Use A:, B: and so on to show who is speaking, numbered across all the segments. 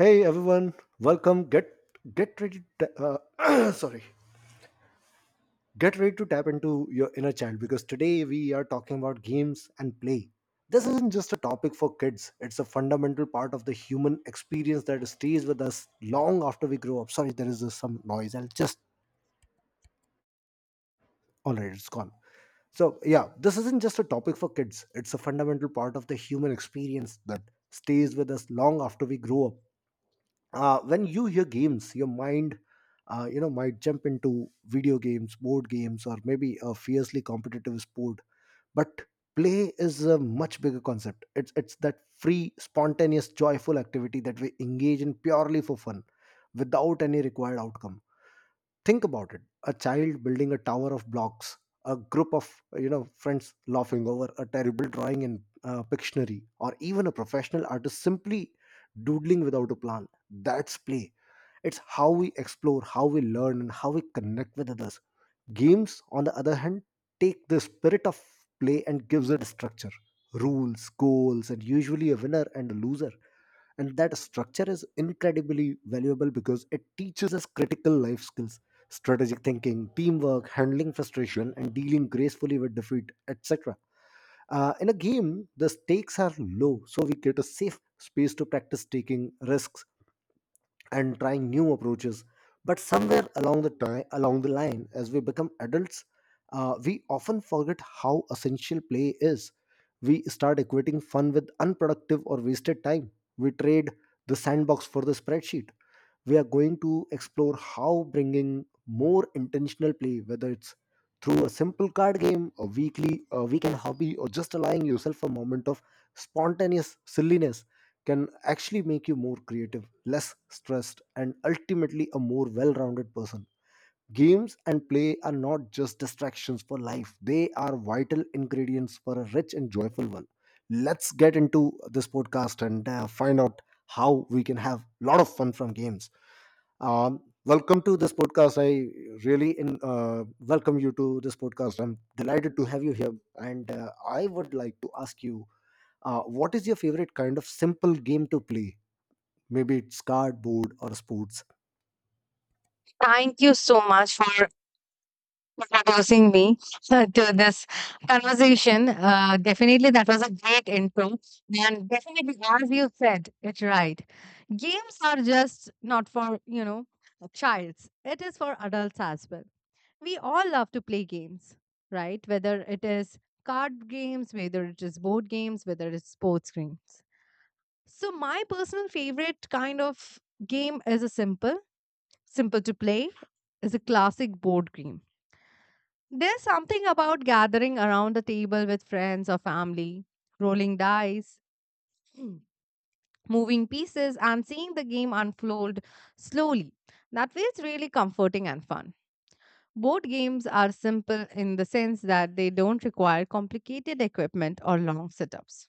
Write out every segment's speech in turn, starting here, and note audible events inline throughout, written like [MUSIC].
A: Hey everyone, welcome. Get ready. To, [CLEARS THROAT] sorry, Get ready to tap into your inner child because today we are talking about games and play. This isn't just a topic for kids; it's a fundamental part of the human experience that stays with us long after we grow up. Sorry, there is just some noise. I'll just. All right, it's gone. This isn't just a topic for kids; it's a fundamental part of the human experience that stays with us long after we grow up. When you hear games, your mind might jump into video games, board games, or maybe a fiercely competitive sport. But play is a much bigger concept. It's that free, spontaneous, joyful activity that we engage in purely for fun, without any required outcome. Think about it: a child building a tower of blocks, a group of friends laughing over a terrible drawing in pictionary, or even a professional artist simply doodling without a plan. That's play. It's how we explore, how we learn, and how we connect with others. Games, on the other hand, take the spirit of play and gives it structure: rules, goals, and usually a winner and a loser. And that structure is incredibly valuable because it teaches us critical life skills: strategic thinking, teamwork, handling frustration, and dealing gracefully with defeat, etc. In a game, the stakes are low, so we get a safe space to practice taking risks and trying new approaches. But somewhere along the time, along the line, as we become adults, we often forget how essential play is. We start equating fun with unproductive or wasted time. We trade the sandbox for the spreadsheet. We are going to explore how bringing more intentional play, whether it's through a simple card game, a weekend hobby, or just allowing yourself a moment of spontaneous silliness, can actually make you more creative, less stressed, and ultimately a more well rounded person. Games and play are not just distractions for life; they are vital ingredients for a rich and joyful one. Let's get into this podcast and find out how we can have a lot of fun from games. Welcome to this podcast. I welcome you to this podcast. I'm delighted to have you here. And I would like to ask you, what is your favorite kind of simple game to play? Maybe it's cardboard or sports.
B: Thank you so much for introducing me to this conversation. Definitely, that was a great intro. And definitely, as you said it right, games are just not for, you know, childs, it is for adults as well. We all love to play games, right? Whether it is card games, whether it is board games, whether it's sports games. So, my personal favorite kind of game is a simple, simple to play, is a classic board game. There's something about gathering around the table with friends or family, rolling dice, [CLEARS THROAT] moving pieces, and seeing the game unfold slowly that feels really comforting and fun. Board games are simple in the sense that they don't require complicated equipment or long setups,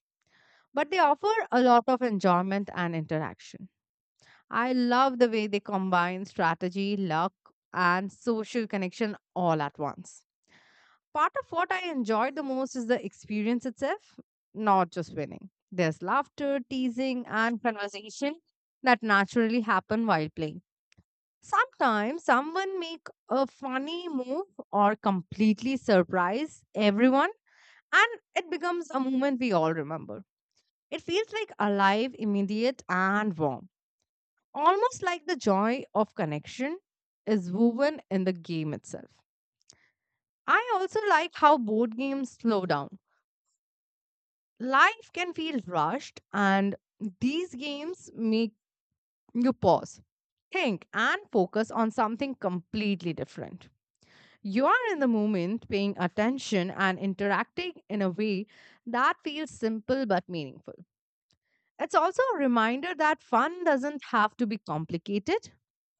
B: but they offer a lot of enjoyment and interaction. I love the way they combine strategy, luck, and social connection all at once. Part of what I enjoyed the most is the experience itself, not just winning. There's laughter, teasing, and conversation that naturally happen while playing. Sometimes someone make a funny move or completely surprise everyone, and it becomes a moment we all remember. It feels like alive, immediate, and warm. Almost like the joy of connection is woven in the game itself. I also like how board games slow down. Life can feel rushed, and these games make you pause, think, and focus on something completely different. You are in the moment, paying attention and interacting in a way that feels simple but meaningful. It's also a reminder that fun doesn't have to be complicated.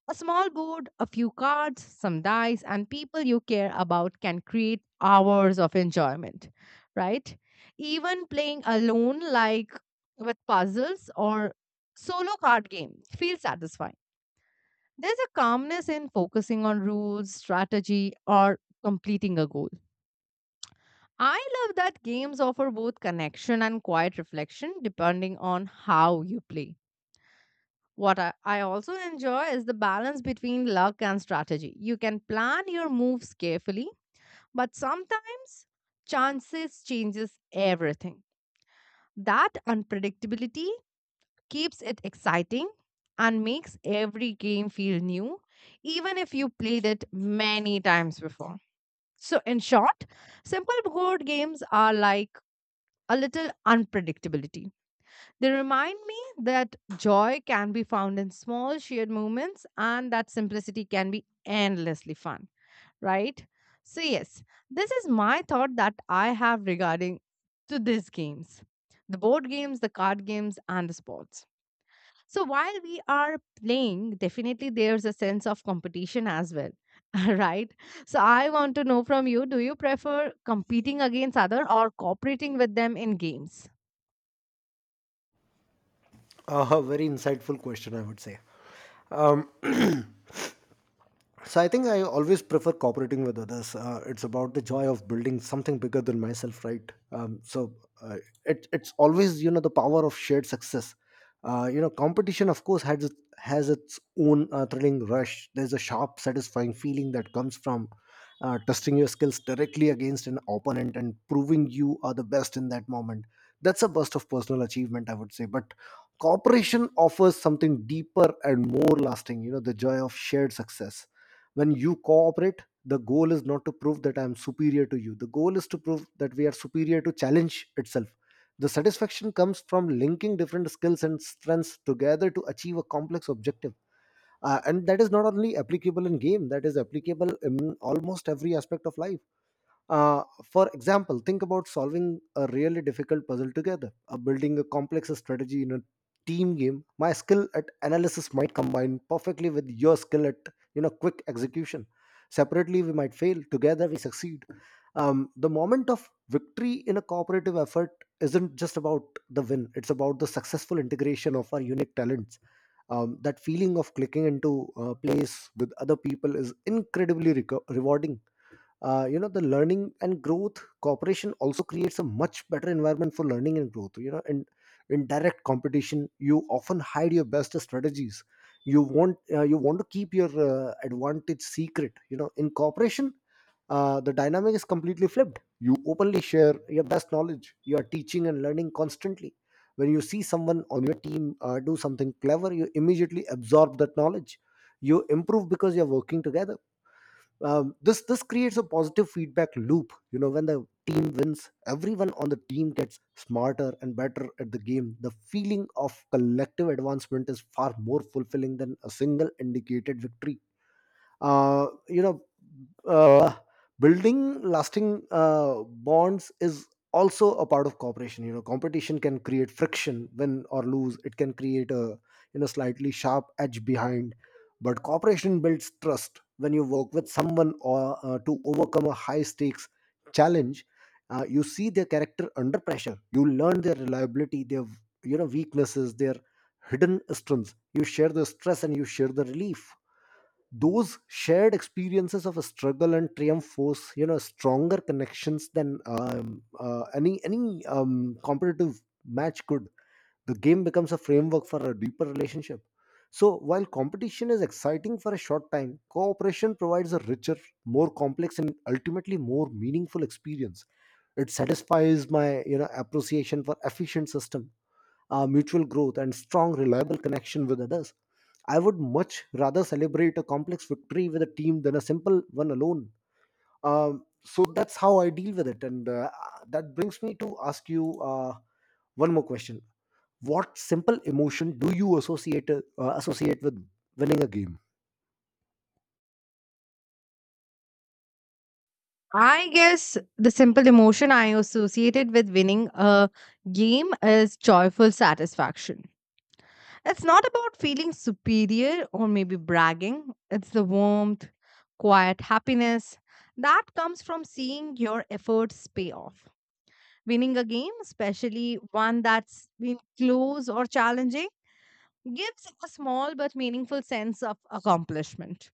B: A small board, a few cards, some dice, and people you care about can create hours of enjoyment, right? Even playing alone, like with puzzles or solo card game, feels satisfying. There's a calmness in focusing on rules, strategy, or completing a goal. I love that games offer both connection and quiet reflection depending on how you play. What I also enjoy is the balance between luck and strategy. You can plan your moves carefully, but sometimes chances changes everything. That unpredictability keeps it exciting and makes every game feel new, even if you played it many times before. So in short, simple board games are like a little unpredictability. They remind me that joy can be found in small shared moments and that simplicity can be endlessly fun, right? So, yes, this is my thought that I have regarding to these games, the board games, the card games, and the sports. So, while we are playing, definitely there's a sense of competition as well, [LAUGHS] right? So, I want to know from you, do you prefer competing against other or cooperating with them in games?
A: [LAUGHS] Very insightful question, I would say. Um, so I think I always prefer cooperating with others. It's about the joy of building something bigger than myself, right? Um, so uh, it, it's always the power of shared success. Competition, of course, has its own thrilling rush. There's a sharp, satisfying feeling that comes from testing your skills directly against an opponent and proving you are the best in that moment. That's a burst of personal achievement, I would say. But cooperation offers something deeper and more lasting. You know, the joy of shared success. When you cooperate, the goal is not to prove that I am superior to you; the goal is to prove that we are superior to challenge itself. The satisfaction comes from linking different skills and strengths together to achieve a complex objective. And that is not only applicable in game, that is applicable in almost every aspect of life. For example, think about solving a really difficult puzzle together, or building a complex strategy in a team game. My skill at analysis might combine perfectly with your skill at quick execution. Separately, we might fail. Together, we succeed. The moment of victory in a cooperative effort isn't just about the win; it's about the successful integration of our unique talents. That feeling of clicking into a place with other people is incredibly rewarding. The learning and growth: cooperation also creates a much better environment for learning and growth. In direct competition, you often hide your best strategies. You want to keep your advantage secret. In cooperation, the dynamic is completely flipped. You openly share your best knowledge. You are teaching and learning constantly. When you see someone on your team do something clever, you immediately absorb that knowledge. You improve because you're working together. This creates a positive feedback loop. When the team wins, everyone on the team gets smarter and better at the game. The feeling of collective advancement is far more fulfilling than a single indicated victory. uh, you know uh, Building lasting bonds is also a part of cooperation. Competition can create friction. Win or lose, it can create a slightly sharp edge behind. But cooperation builds trust. When you work with someone, or to overcome a high stakes challenge, you see their character under pressure. You learn their reliability, their weaknesses, their hidden strengths. You share the stress and you share the relief. Those shared experiences of a struggle and triumph force stronger connections than any competitive match could. The game becomes a framework for a deeper relationship. So while competition is exciting for a short time, cooperation provides a richer, more complex, and ultimately more meaningful experience. It satisfies my appreciation for efficient system, mutual growth, and strong, reliable connection with others. I would much rather celebrate a complex victory with a team than a simple one alone. So that's how I deal with it. And that brings me to ask you one more question. What simple emotion do you associate with winning a game?
B: I guess the simple emotion I associated with winning a game is joyful satisfaction. It's not about feeling superior or maybe bragging, it's the warmth, quiet happiness that comes from seeing your efforts pay off. Winning a game, especially one that's been close or challenging, gives a small but meaningful sense of accomplishment.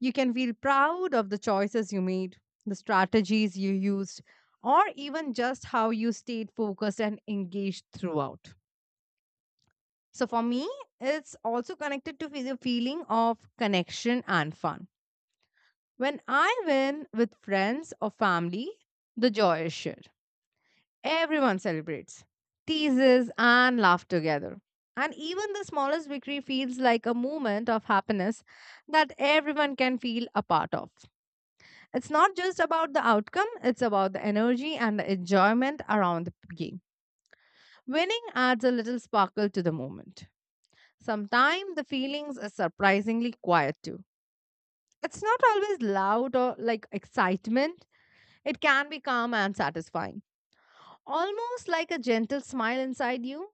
B: You can feel proud of the choices you made, the strategies you used, or even just how you stayed focused and engaged throughout. So, for me, it's also connected to the feeling of connection and fun. When I win with friends or family, the joy is shared. Everyone celebrates, teases, and laughs together. And even the smallest victory feels like a moment of happiness that everyone can feel a part of. It's not just about the outcome, it's about the energy and the enjoyment around the game. Winning adds a little sparkle to the moment. Sometimes the feelings are surprisingly quiet too. It's not always loud or like excitement, it can be calm and satisfying, almost like a gentle smile inside you.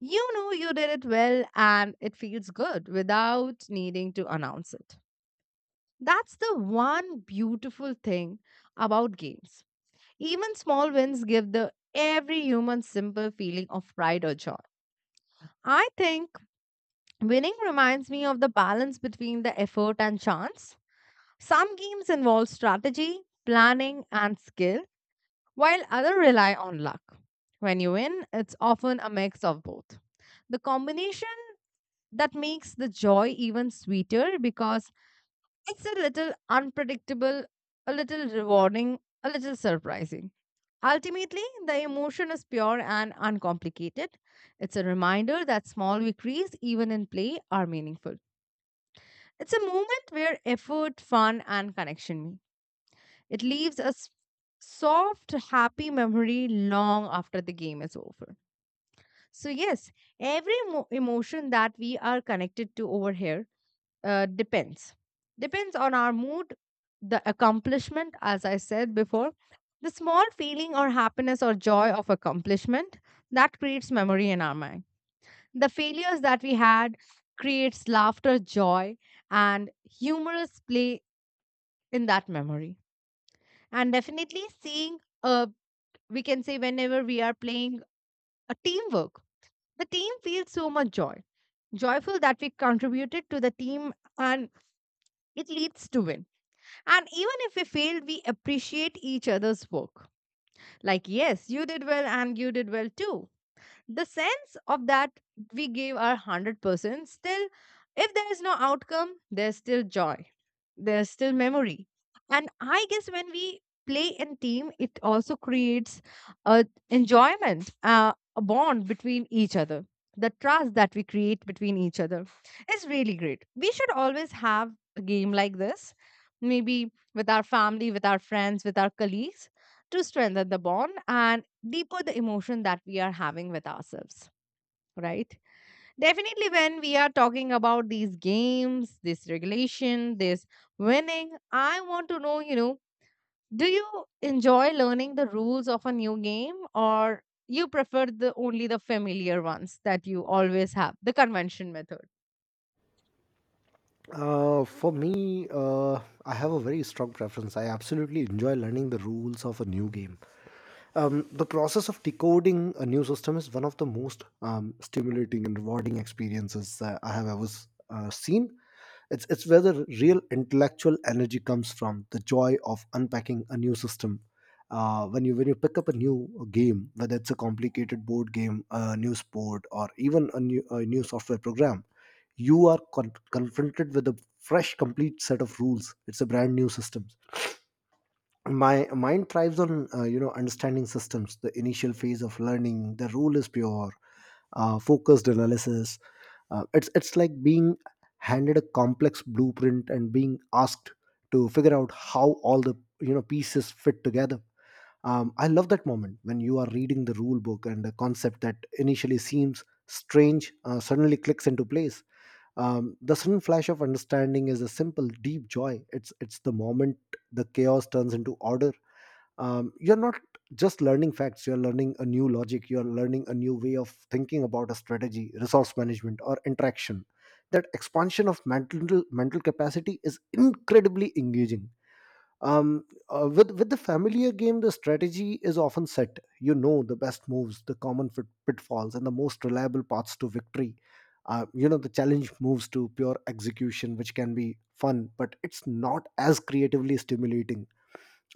B: You know you did it well and it feels good without needing to announce it. That's the one beautiful thing about games. Even small wins give the every human simple feeling of pride or joy. I think winning reminds me of the balance between the effort and chance. Some games involve strategy, planning, and skill, while others rely on luck. When you win, it's often a mix of both. The combination that makes the joy even sweeter because it's a little unpredictable, a little rewarding, a little surprising. Ultimately, the emotion is pure and uncomplicated. It's a reminder that small victories, even in play, are meaningful. It's a moment where effort, fun, and connection meet. It leaves a soft, happy memory long after the game is over. So, yes, every emotion that we are connected to over here depends. Depends on our mood, the accomplishment, as I said before, the small feeling or happiness or joy of accomplishment that creates memory in our mind. The failures that we had creates laughter, joy, and humorous play in that memory. And definitely seeing, we can say, whenever we are playing a teamwork, the team feels so much joy, joyful that we contributed to the team, and it leads to win. And even if we failed, we appreciate each other's work, like yes, you did well and you did well too. The sense of that we gave our 100%, still if there is no outcome, there's still joy, there's still memory. And I guess when we play in team, it also creates a enjoyment, a bond between each other. The trust that we create between each other is really great. We should always have a game like this, maybe with our family, with our friends, with our colleagues, to strengthen the bond and deeper the emotion that we are having with ourselves, right? Definitely when we are talking about these games, this regulation, this winning, I want to know, you know, do you enjoy learning the rules of a new game, or you prefer the only the familiar ones that you always have the convention method?
A: For me, I have a very strong preference. I absolutely enjoy learning the rules of a new game. The process of decoding a new system is one of the most stimulating and rewarding experiences I have ever seen. It's where the real intellectual energy comes from: the joy of unpacking a new system. When you pick up a new game, whether it's a complicated board game, a new sport, or even a new software program, you are confronted with a fresh, complete set of rules. It's a brand new system. My mind thrives on understanding systems. The initial phase of learning the rule is pure, focused analysis. It's like being handed a complex blueprint and being asked to figure out how all the pieces fit together. I love that moment when you are reading the rule book and a concept that initially seems strange suddenly clicks into place. The sudden flash of understanding is a simple deep joy. It's the moment the chaos turns into order. You're not just learning facts, you're learning a new logic, you're learning a new way of thinking about a strategy, resource management, or interaction. That expansion of mental capacity is incredibly engaging. Um, uh, with with the familiar game, the strategy is often set. The best moves, the pitfalls, and the most reliable paths to victory. The challenge moves to pure execution, which can be fun, but it's not as creatively stimulating.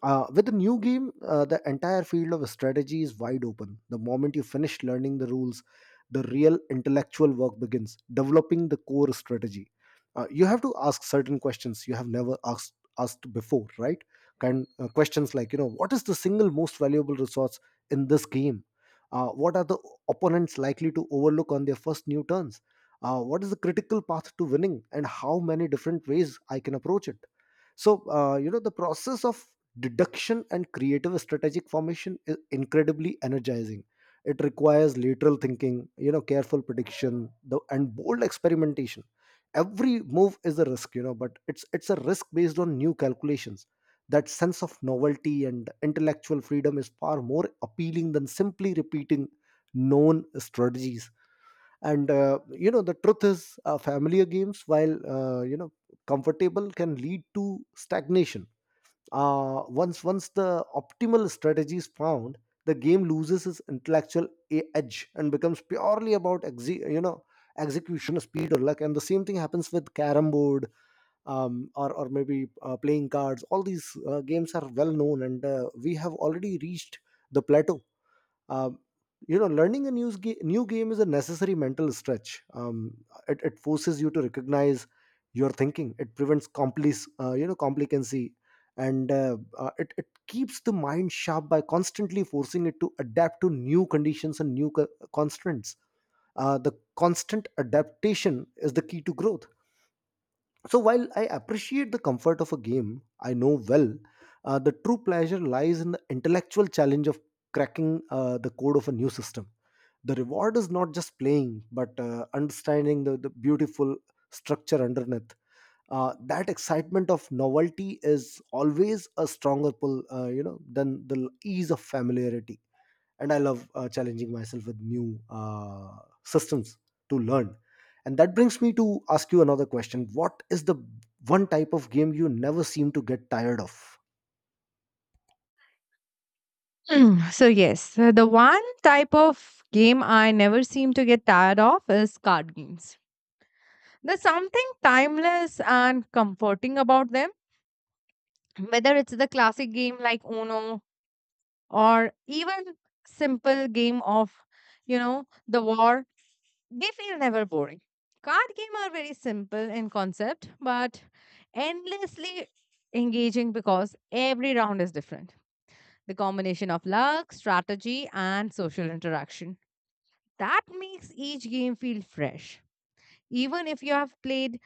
A: With the new game, the entire field of strategy is wide open. The moment you finish learning the rules, the real intellectual work begins, developing the core strategy. You have to ask certain questions you have never asked before, right? Kind questions like, you know, what is the single most valuable resource in this game? What are the opponents likely to overlook on their first new turns? What is the critical path to winning, and how many different ways I can approach it? So the process of deduction and creative strategic formation is incredibly energizing. It requires lateral thinking, careful prediction, and bold experimentation. Every move is a risk, but it's a risk based on new calculations. That sense of novelty and intellectual freedom is far more appealing than simply repeating known strategies. And the truth is, familiar games, while comfortable, can lead to stagnation. Once the optimal strategy is found, the game loses its intellectual edge and becomes purely about execution speed or luck. And the same thing happens with carom board, or maybe playing cards. All these games are well known, and we have already reached the plateau. um, you know, learning a new game is a necessary mental stretch. It forces you to recognize your thinking. It prevents complicancy, and it keeps the mind sharp by constantly forcing it to adapt to new conditions and constraints. The constant adaptation is the key to growth. So while I appreciate the comfort of a game, I know well the true pleasure lies in the intellectual challenge of cracking the code of a new system. The reward is not just playing but understanding the beautiful structure underneath. That excitement of novelty is always a stronger pull than the ease of familiarity, and I love challenging myself with new systems to learn. And that brings me to ask you another question: what is the one type of game you never seem to get tired of?
B: Mm, so yes, the one type of game I never seem to get tired of is card games. There's something timeless and comforting about them, whether it's the classic game like Uno or even simple game of, you know, the war, they feel never boring. Card game are very simple in concept, but endlessly engaging because every round is different. The combination of luck, strategy, and social interaction that makes each game feel fresh. Even if you have played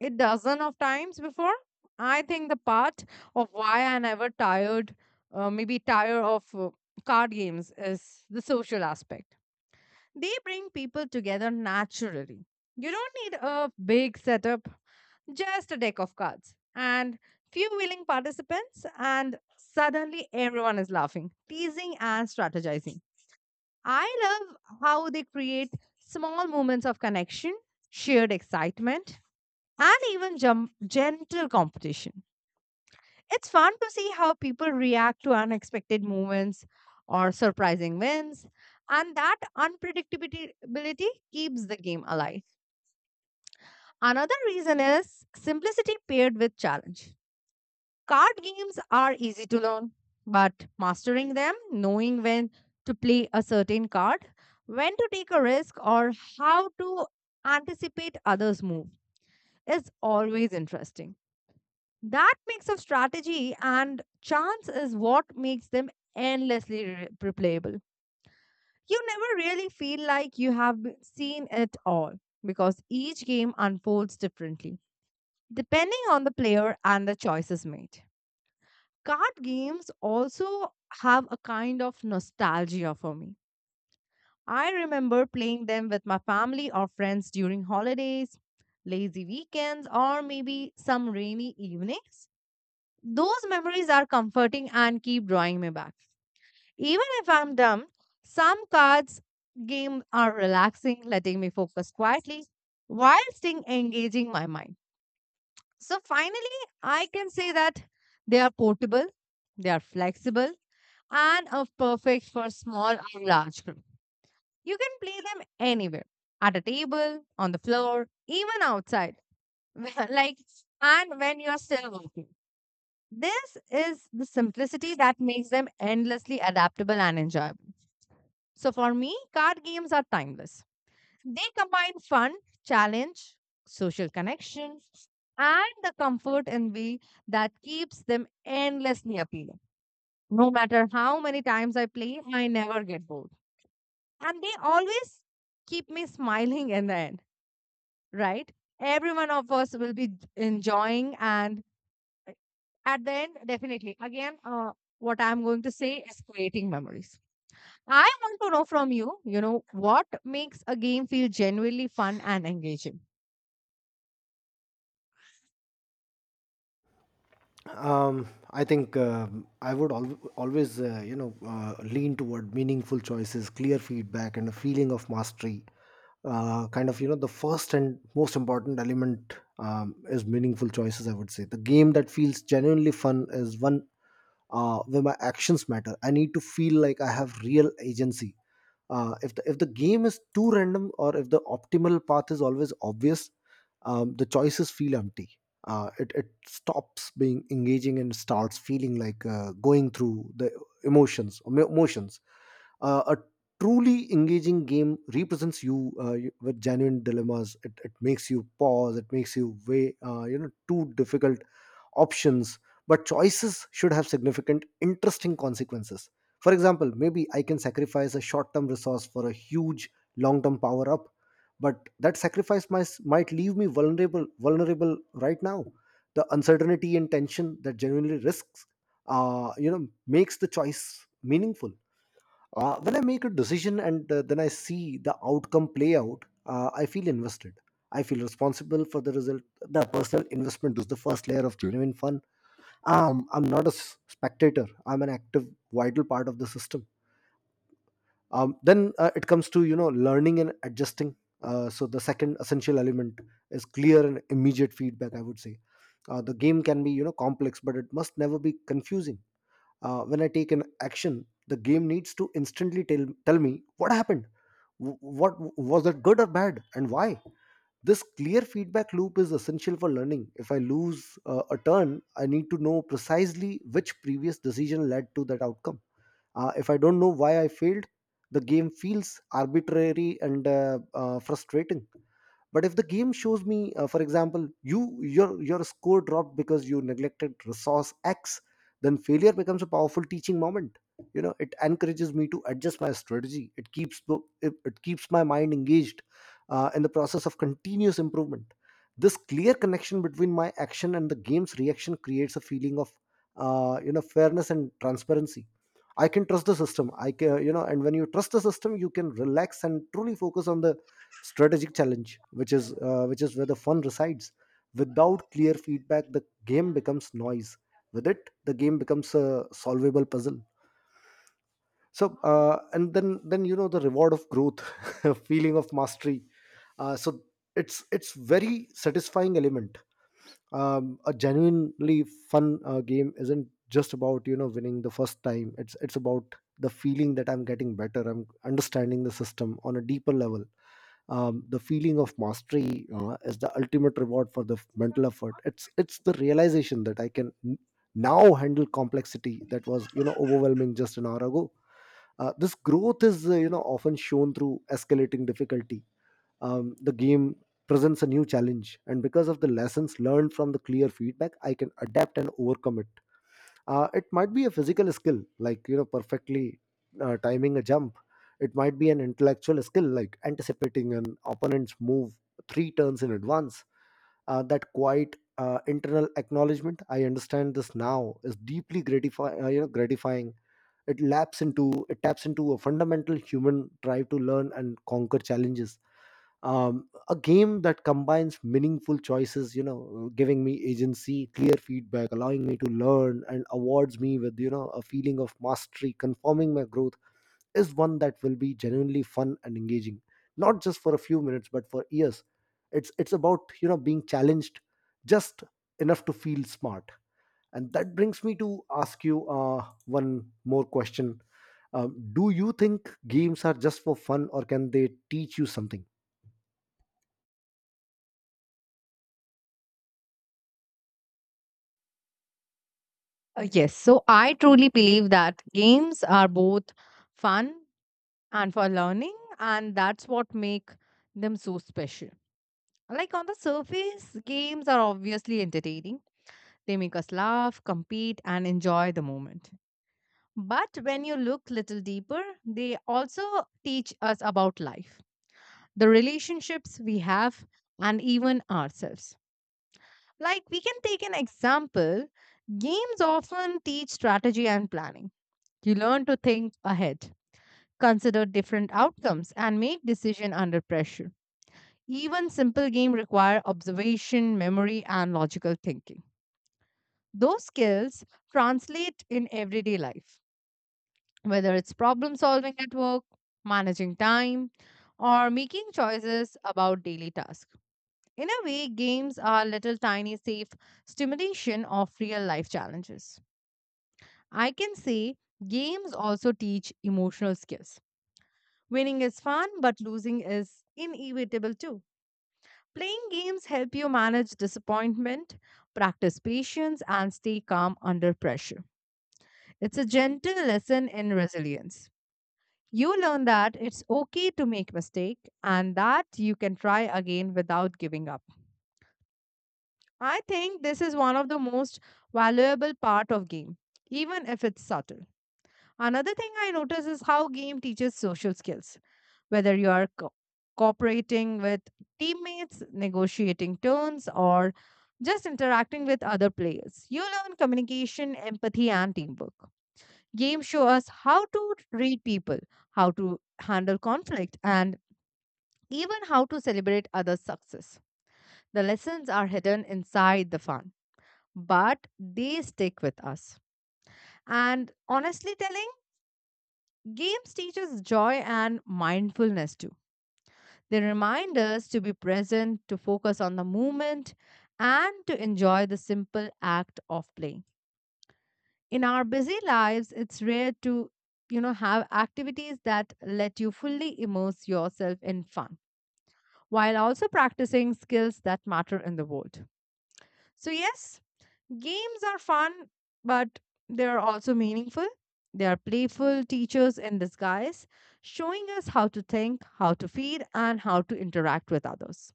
B: a dozen of times before. I think the part of why I never tired, maybe tired of card games, is the social aspect. They bring people together naturally. You don't need a big setup, just a deck of cards and few willing participants, and suddenly everyone is laughing, teasing, and strategizing. I love how they create small moments of connection, shared excitement, and even jump, gentle competition. It's fun to see how people react to unexpected moments or surprising wins, and that unpredictability keeps the game alive. Another reason is simplicity paired with challenge. Card games are easy to learn, but mastering them, knowing when to play a certain card, when to take a risk, or how to anticipate others' move is always interesting. That mix of strategy and chance is what makes them endlessly replayable. You never really feel like you have seen it all because each game unfolds differently depending on the player and the choices made. Card games also have a kind of nostalgia for me. I remember playing them with my family or friends during holidays, lazy weekends, or maybe some rainy evenings. Those memories are comforting and keep drawing me back. Even if I'm dumb, some cards games are relaxing, letting me focus quietly while still engaging my mind. So finally, I can say that they are portable, they are flexible, and are perfect for small or large group. You can play them anywhere, at a table, on the floor, even outside. [LAUGHS] Like and when you are still working. This is the simplicity that makes them endlessly adaptable and enjoyable. So for me, card games are timeless. They combine fun, challenge, social connection, and the comfort and way that keeps them endlessly appealing. No matter how many times I play, I never get bored. And they always keep me smiling in the end, right? Every one of us will be enjoying and at the end, definitely. Again, what I'm going to say is creating memories. I want to know from you, you know, what makes a game feel genuinely fun and engaging?
A: Um, I think I would al- always, you know, lean toward meaningful choices, clear feedback, and a feeling of mastery. The first and most important element is meaningful choices. I would say the game that feels genuinely fun is one where my actions matter. I need to feel like I have real agency. If the game is too random or if the optimal path is always obvious, the choices feel empty. It stops being engaging and starts feeling like going through the emotions. A truly engaging game represents you with genuine dilemmas. It makes you pause. It makes you weigh two difficult options, but choices should have significant, interesting consequences. For example, maybe I can sacrifice a short term resource for a huge long term power up, but that sacrifice might leave me vulnerable right now. The uncertainty and tension that genuinely risks, makes the choice meaningful. When I make a decision and then I see the outcome play out, I feel invested. I feel responsible for the result. The personal investment is the first layer of genuine fun. I'm not a spectator. I'm an active, vital part of the system. Then it comes to you know learning and adjusting. So the second essential element is clear and immediate feedback, I would say. The game can be you know complex, but it must never be confusing. When I take an action, the game needs to instantly tell me what happened. What was that, good or bad, and why? This clear feedback loop is essential for learning. If I lose a turn, I need to know precisely which previous decision led to that outcome. If I don't know why I failed, the game feels arbitrary and frustrating. But if the game shows me, for example, you your score dropped because you neglected resource x, then failure becomes a powerful teaching moment. You know, it encourages me to adjust my strategy. It keeps my mind engaged in the process of continuous improvement. This clear connection between my action and the game's reaction creates a feeling of fairness and transparency. I can trust the system. I can you know And when you trust the system, you can relax and truly focus on the strategic challenge, which is where the fun resides. Without clear feedback, the game becomes noise. With it, the game becomes a solvable puzzle. And then, the reward of growth. [LAUGHS] Feeling of mastery. Uh, so it's it's very satisfying element. A genuinely fun game isn't just about you know winning the first time. It's about the feeling that I'm getting better, I'm understanding the system on a deeper level. The feeling of mastery is the ultimate reward for the mental effort. It's the realization that I can now handle complexity that was you know overwhelming just an hour ago. This growth is often shown through escalating difficulty. The game presents a new challenge, and because of the lessons learned from the clear feedback, I can adapt and overcome it. It might be a physical skill, like you know perfectly timing a jump. It might be an intellectual skill, like anticipating an opponent's move three turns in advance. That quiet internal acknowledgement, I understand this now, is deeply gratifying, gratifying. It taps into a fundamental human drive to learn and conquer challenges. A game that combines meaningful choices, you know giving me agency, clear feedback, allowing me to learn, and awards me with you know a feeling of mastery, confirming my growth, is one that will be genuinely fun and engaging, not just for a few minutes but for years. It's about you know being challenged just enough to feel smart. And that brings me to ask you one more question: do you think games are just for fun, or can they teach you something?
B: Yes, so I truly believe that games are both fun and for learning, and that's what make them so special. Like on the surface, games are obviously entertaining. They make us laugh, compete, and enjoy the moment. But when you look little deeper, they also teach us about life, the relationships we have, and even ourselves. Like we can take an example, games often teach strategy and planning. You learn to think ahead, consider different outcomes, and make decision under pressure. Even simple game require observation, memory, and logical thinking. Those skills translate in everyday life, whether it's problem solving at work, managing time, or making choices about daily tasks. In a way, games are little tiny safe stimulation of real life challenges. I can say games also teach emotional skills. Winning is fun, but losing is inevitable too. Playing games help you manage disappointment, practice patience, and stay calm under pressure. It's a gentle lesson in resilience. You learn that it's okay to make mistake and that you can try again without giving up. I think this is one of the most valuable part of game, even if it's subtle. Another thing I notice is how game teaches social skills, whether you are cooperating with teammates, negotiating turns, or just interacting with other players. You learn communication, empathy, and teamwork. Games show us how to read people, how to handle conflict, and even how to celebrate others' success. The lessons are hidden inside the fun, but they stick with us. And honestly telling, games teach us joy and mindfulness too. They remind us to be present, to focus on the moment, and to enjoy the simple act of playing. In our busy lives, it's rare to, you know, have activities that let you fully immerse yourself in fun while also practicing skills that matter in the world. So, yes, games are fun, but they are also meaningful. They are playful teachers in disguise, showing us how to think, how to feel, and how to interact with others,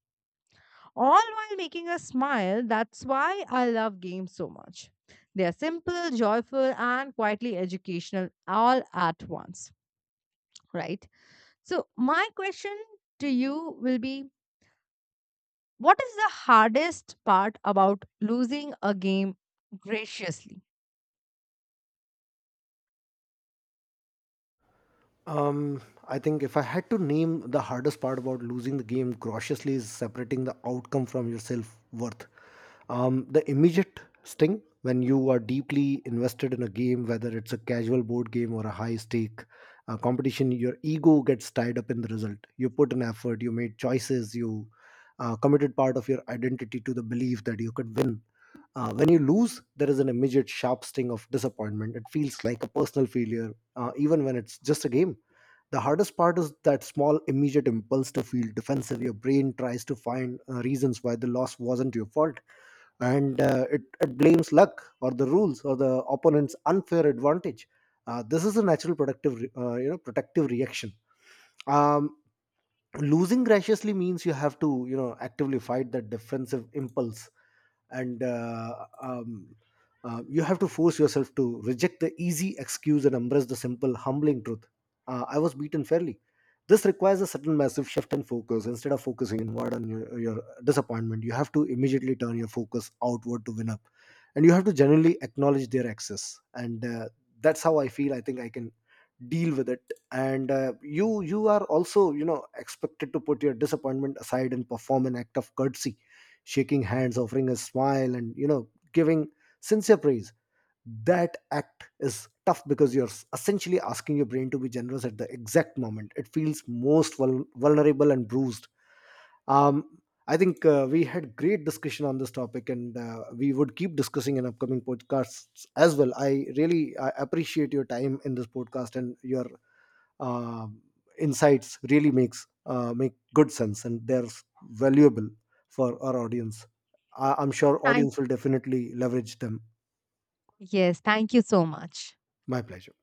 B: all while making us smile. That's why I love games so much. They are simple, joyful, and quietly educational all at once, right? So, my question to you will be, what is the hardest part about losing a game graciously?
A: Um, I think if I had to name the hardest part about losing the game cautiously, is separating the outcome from your self worth. The immediate sting: when you are deeply invested in a game, whether it's a casual board game or a high stake competition, your ego gets tied up in the result. You put an effort, you made choices, you committed part of your identity to the belief that you could win. When you lose, there is an immediate sharp sting of disappointment. It feels like a personal failure even when it's just a game. The hardest part is that small, immediate impulse to feel defensive. Your brain tries to find reasons why the loss wasn't your fault, and it blames luck or the rules or the opponent's unfair advantage. This is a natural productive, re- you know, protective reaction. Um, losing graciously means you have to, you know, actively fight that defensive impulse, and you have to force yourself to reject the easy excuse and embrace the simple humbling truth: I was beaten fairly. This requires a certain massive shift in focus. Instead of focusing inward on your disappointment, you have to immediately turn your focus outward to win up, and you have to genuinely acknowledge their access, and that's how I feel. I think I can deal with it. And you, you are also you know expected to put your disappointment aside and perform an act of courtesy: shaking hands, offering a smile, and you know, giving sincere praise. That act is tough because you're essentially asking your brain to be generous at the exact moment it feels most vulnerable and bruised. Um, I think we had great discussion on this topic, and we would keep discussing in upcoming podcasts as well. I really appreciate your time in this podcast, and your uh, insights really make good sense, and they're valuable for our audience. I'm sure
B: Thank
A: audience will definitely leverage them.
B: Yes, thank you so much.
A: My pleasure.